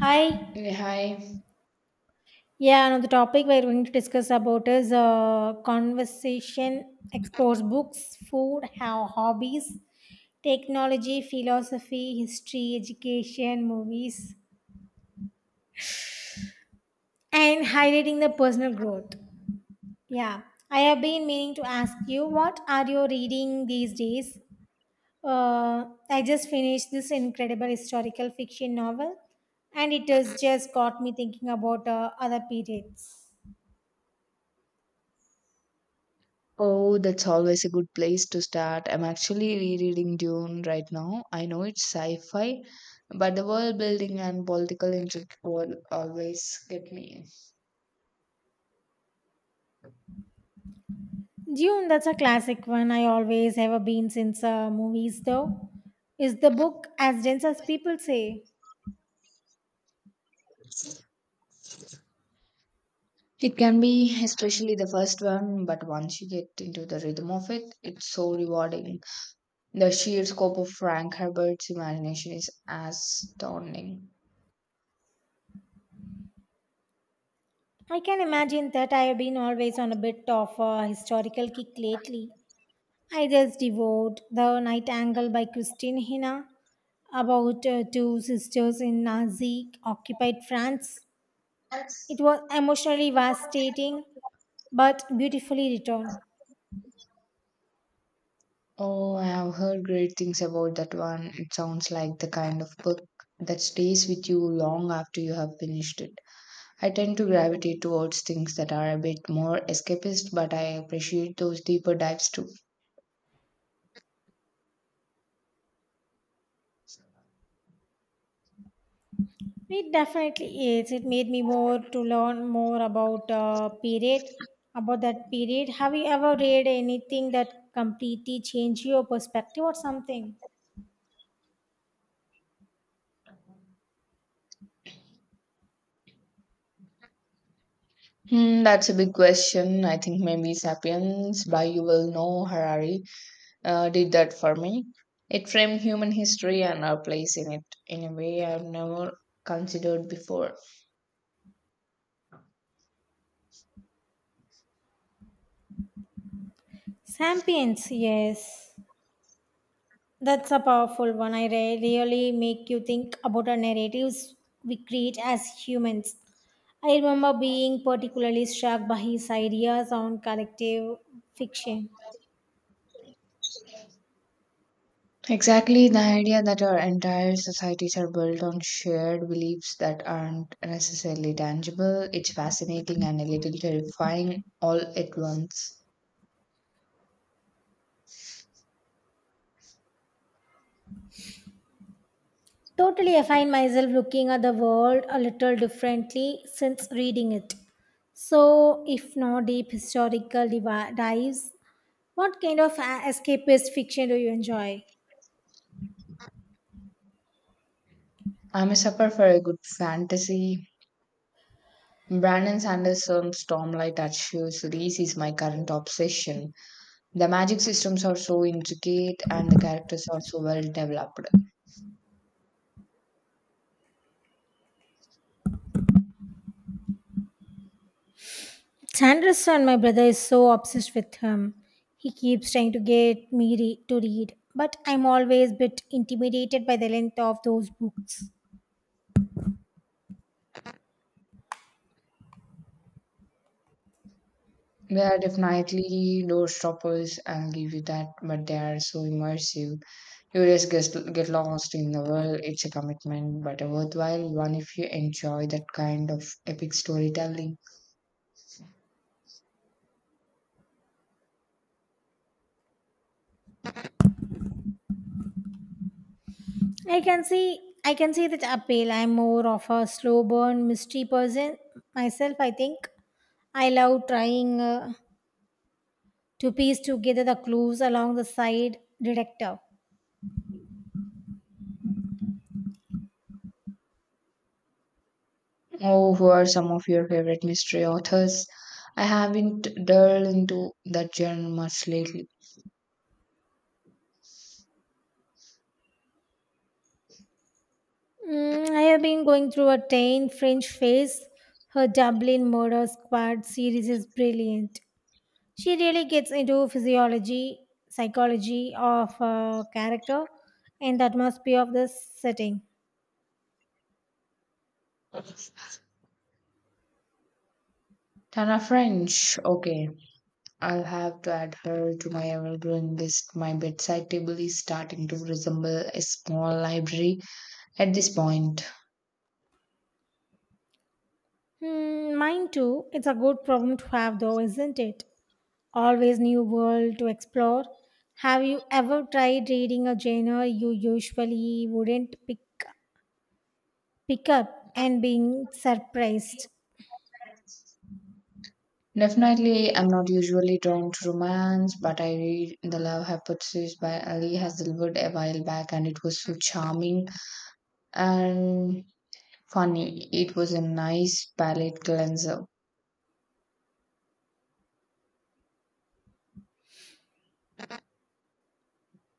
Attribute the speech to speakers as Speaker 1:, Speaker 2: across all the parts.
Speaker 1: Hi.
Speaker 2: Yeah, hi.
Speaker 1: Yeah, another topic we're going to discuss about is conversation explores books, food, how hobbies, technology, philosophy, history, education, movies, and highlighting the personal growth. Yeah, I have been meaning to ask you what are you reading these days? I just finished this incredible historical fiction novel, and it has just got me thinking about other periods.
Speaker 2: Oh, that's always a good place to start. I'm actually rereading Dune right now. I know it's sci-fi, but the world building and political intrigue will always get me.
Speaker 1: Dune, that's a classic one I always have been since movies, though. Is the book as dense as people say?
Speaker 2: It can be, especially the first one, but once you get into the rhythm of it, it's so rewarding. The sheer scope of Frank Herbert's imagination is astounding.
Speaker 1: I can imagine that I have been always on a bit of a historical kick lately. I just devoured The Night Angle by Christine Hina about two sisters in Nazi occupied France. It was emotionally devastating but beautifully written.
Speaker 2: Oh, I have heard great things about that one. It sounds like the kind of book that stays with you long after you have finished it. I tend to gravitate towards things that are a bit more escapist, but I appreciate those deeper dives too.
Speaker 1: It definitely is. It made me more to learn more about period, about that period. Have you ever read anything that completely changed your perspective or something?
Speaker 2: Hmm, that's a big question. I think maybe Sapiens by Yuval Noah Harari did that for me. It framed human history and our place in it in a way I've never considered before.
Speaker 1: Sapiens, yes, that's a powerful one. Really make you think about the narratives we create as humans. I remember being particularly struck by his ideas on collective fiction.
Speaker 2: Exactly, the idea that our entire societies are built on shared beliefs that aren't necessarily tangible, it's fascinating and a little terrifying all at once.
Speaker 1: Totally, I find myself looking at the world a little differently since reading it. So, if no deep dives, what kind of escapist fiction do you enjoy?
Speaker 2: I'm a sucker for a good fantasy. Brandon Sanderson's Stormlight Archive series is my current obsession. The magic systems are so intricate and the characters are so well developed.
Speaker 1: Sanderson, my brother, is so obsessed with him. He keeps trying to get me to read, but I'm always a bit intimidated by the length of those books.
Speaker 2: They are definitely door stoppers, I'll give you that, but they are so immersive. You just get lost in the world. It's a commitment, but a worthwhile one if you enjoy that kind of epic storytelling.
Speaker 1: I can see that appeal. I'm more of a slow burn mystery person myself. I think I love trying to piece together the clues along the side, detective.
Speaker 2: Oh, who are some of your favorite mystery authors? I haven't delved into that genre much lately.
Speaker 1: Mm, I have been going through a tame French phase. Her Dublin Murder Squad series is brilliant. She really gets into physiology, psychology of a character, and that must be of this setting.
Speaker 2: Tana French. Okay, I'll have to add her to my ever-growing list. My bedside table is starting to resemble a small library at this point.
Speaker 1: Hmm, mine too. It's a good problem to have, though, isn't it? Always new world to explore. Have you ever tried reading a genre you usually wouldn't pick up and being surprised.
Speaker 2: Definitely, I'm not usually drawn to romance, but I read The Love Hypothesis by Ali Hazelwood a while back, and it was so charming and funny. It was a nice palate cleanser.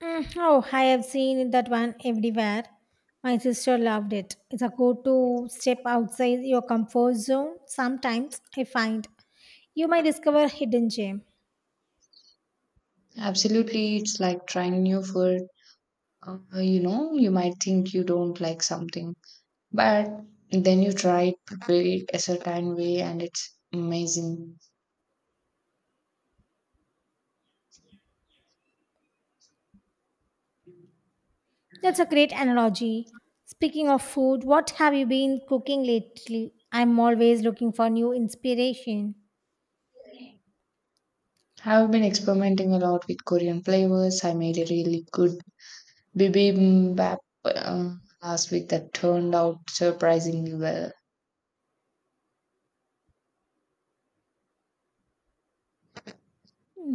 Speaker 1: Mm, oh, I have seen that one everywhere. My sister loved it. It's a go to step outside your comfort zone. Sometimes I find you might discover hidden gem.
Speaker 2: Absolutely, it's like trying new food. You know, you might think you don't like something, but then you try it, prepare it a certain way, and it's amazing.
Speaker 1: That's a great analogy. Speaking of food, what have you been cooking lately? I'm always looking for new inspiration.
Speaker 2: I've been experimenting a lot with Korean flavors. I made a really good bibimbap uh, last week that turned out surprisingly well.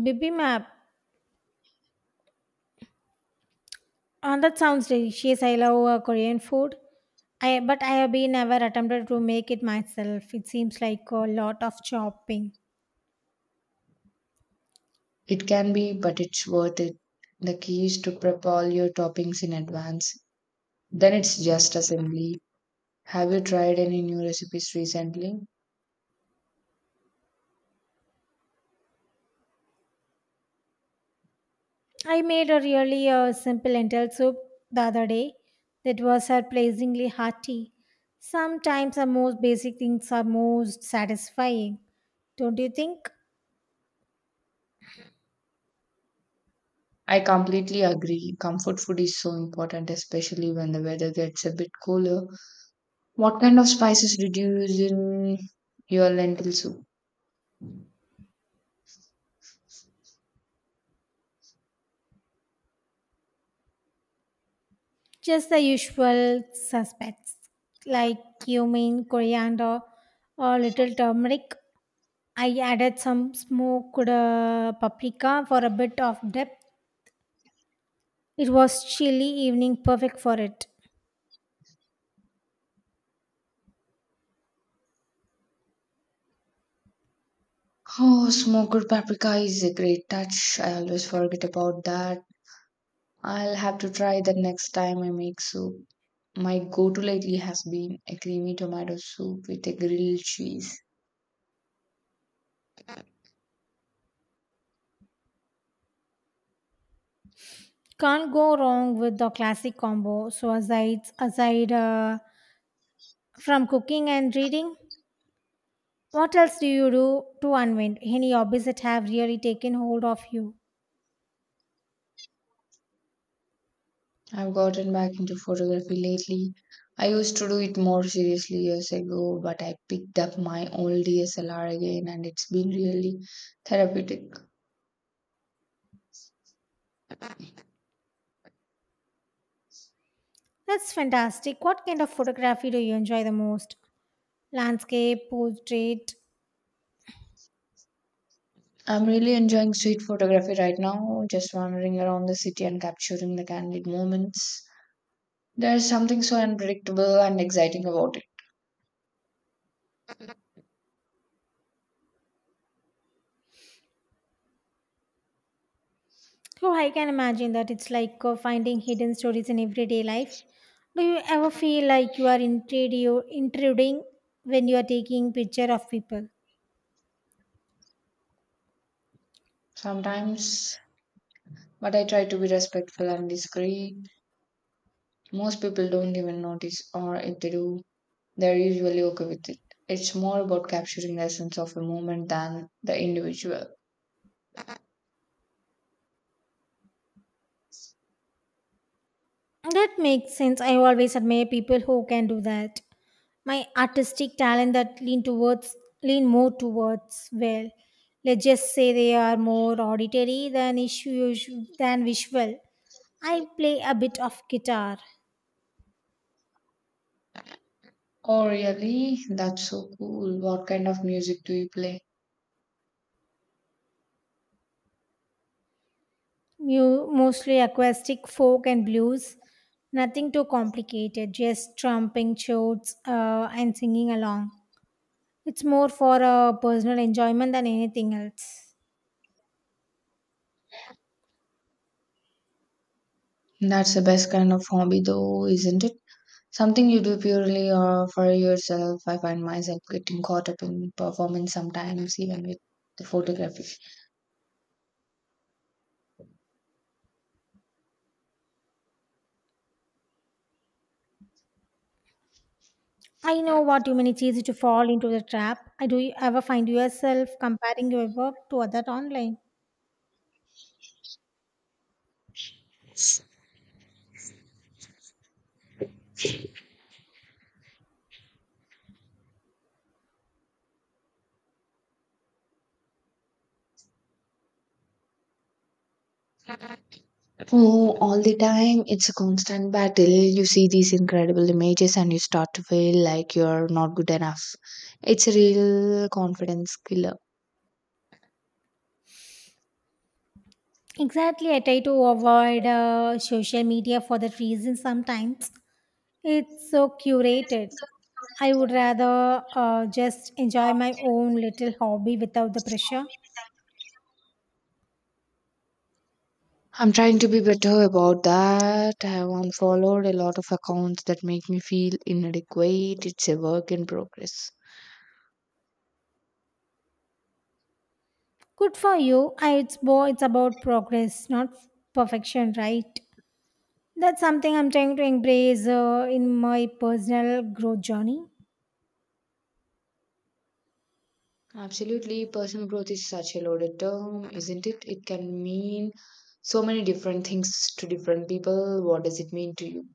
Speaker 1: Bibi map. That sounds delicious. I love Korean food. I but I have been never attempted to make it myself. It seems like a lot of chopping.
Speaker 2: It can be, but it's worth it. The key is to prep all your toppings in advance. Then it's just assembly. Have you tried any new recipes recently?
Speaker 1: I made a really simple lentil soup the other day that was surprisingly hearty. Sometimes the most basic things are most satisfying, don't you think?
Speaker 2: I completely agree. Comfort food is so important, especially when the weather gets a bit cooler. What kind of spices did you use in your lentil soup?
Speaker 1: Just the usual suspects like cumin, coriander, or little turmeric. I added some smoked paprika for a bit of depth. It was chilly evening, perfect for it.
Speaker 2: Oh, smoked paprika is a great touch. I always forget about that. I'll have to try that next time I make soup. My go to lately has been a creamy tomato soup with a grilled cheese.
Speaker 1: Can't go wrong with the classic combo. So aside from cooking and reading, what else do you do to unwind? Any hobbies that have really taken hold of you?
Speaker 2: I've gotten back into photography lately. I used to do it more seriously years ago, but I picked up my old DSLR again and it's been really therapeutic.
Speaker 1: That's fantastic. What kind of photography do you enjoy the most? Landscape, portrait,
Speaker 2: I'm really enjoying street photography right now, just wandering around the city and capturing the candid moments. There's something so unpredictable and exciting about it.
Speaker 1: oh, I can imagine that it's like finding hidden stories in everyday life. Do you ever feel like you are intruding when you are taking picture of people?
Speaker 2: Sometimes. But I try to be respectful and discreet. Most people don't even notice, or if they do, they're usually okay with it. It's more about capturing the essence of a moment than the individual.
Speaker 1: That makes sense. I always admire people who can do that. My artistic talent that lean more towards well, let's just say they are more auditory than issue than visual. I play a bit of guitar.
Speaker 2: Oh, really? That's so cool. What kind of music do you play?
Speaker 1: Mostly acoustic folk and blues. Nothing too complicated, just trumping chords and singing along. It's more for personal enjoyment than anything else.
Speaker 2: That's the best kind of hobby, though, isn't it? Something you do purely for yourself. I find myself getting caught up in performance sometimes, even with the photography.
Speaker 1: I know what you mean. It's easy to fall into the trap. I do you ever find yourself comparing your work to other online?
Speaker 2: Oh, all the time. It's a constant battle. You see these incredible images and you start to feel like you're not good enough. It's a real confidence killer.
Speaker 1: Exactly, I try to avoid social media for that reason sometimes. It's so curated. I would rather just enjoy my own little hobby without the pressure.
Speaker 2: I'm trying to be better about that. I have unfollowed a lot of accounts that make me feel inadequate. It's a work in progress.
Speaker 1: Good for you. I, it's about progress, not perfection, right? That's something I'm trying to embrace in my personal growth journey.
Speaker 2: Absolutely, personal growth is such a loaded term, isn't it? It can mean so many different things to different people. What does it mean to you?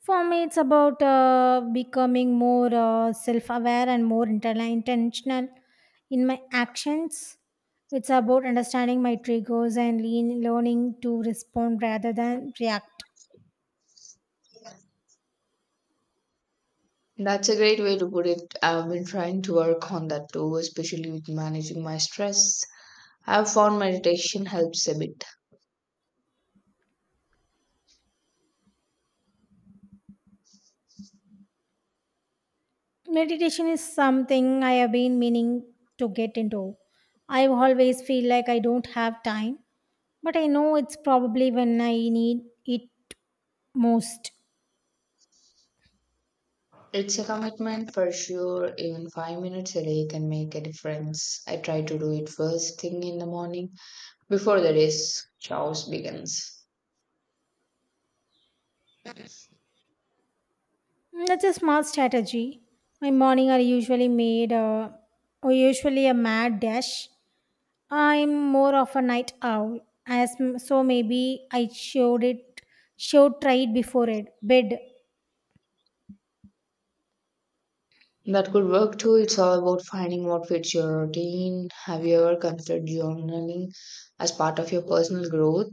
Speaker 1: For me, it's about becoming more self-aware and more intentional in my actions. It's about understanding my triggers and learning to respond rather than react.
Speaker 2: That's a great way to put it. I've been trying to work on that too, especially with managing my stress. I've found meditation helps a bit.
Speaker 1: Meditation is something I have been meaning to get into. I always feel like I don't have time, but I know it's probably when I need it most.
Speaker 2: It's a commitment for sure. Even 5 minutes a day can make a difference. I try to do it first thing in the morning before the day's chores begins.
Speaker 1: That's a smart strategy. My morning are usually made or usually a mad dash. I'm more of a night owl, so maybe I showed it, should try it before it bed.
Speaker 2: That could work too. It's all about finding what fits your routine. Have you ever considered journaling as part of your personal growth?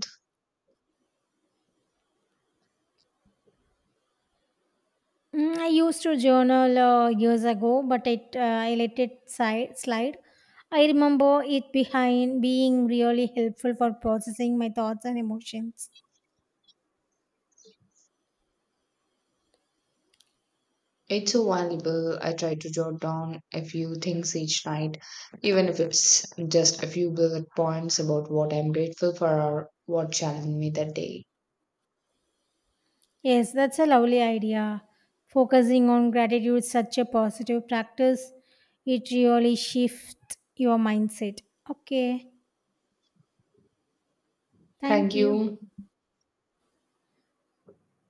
Speaker 1: Mm, I used to journal years ago, but it I let slide. I remember it behind being really helpful for processing my thoughts and emotions.
Speaker 2: It's so valuable. I try to jot down a few things each night, even if it's just a few bullet points about what I'm grateful for or what challenged me that day.
Speaker 1: Yes, that's a lovely idea. Focusing on gratitude is such a positive practice. It really shifts your mindset. Okay, thank
Speaker 2: Thank
Speaker 1: you.
Speaker 2: you.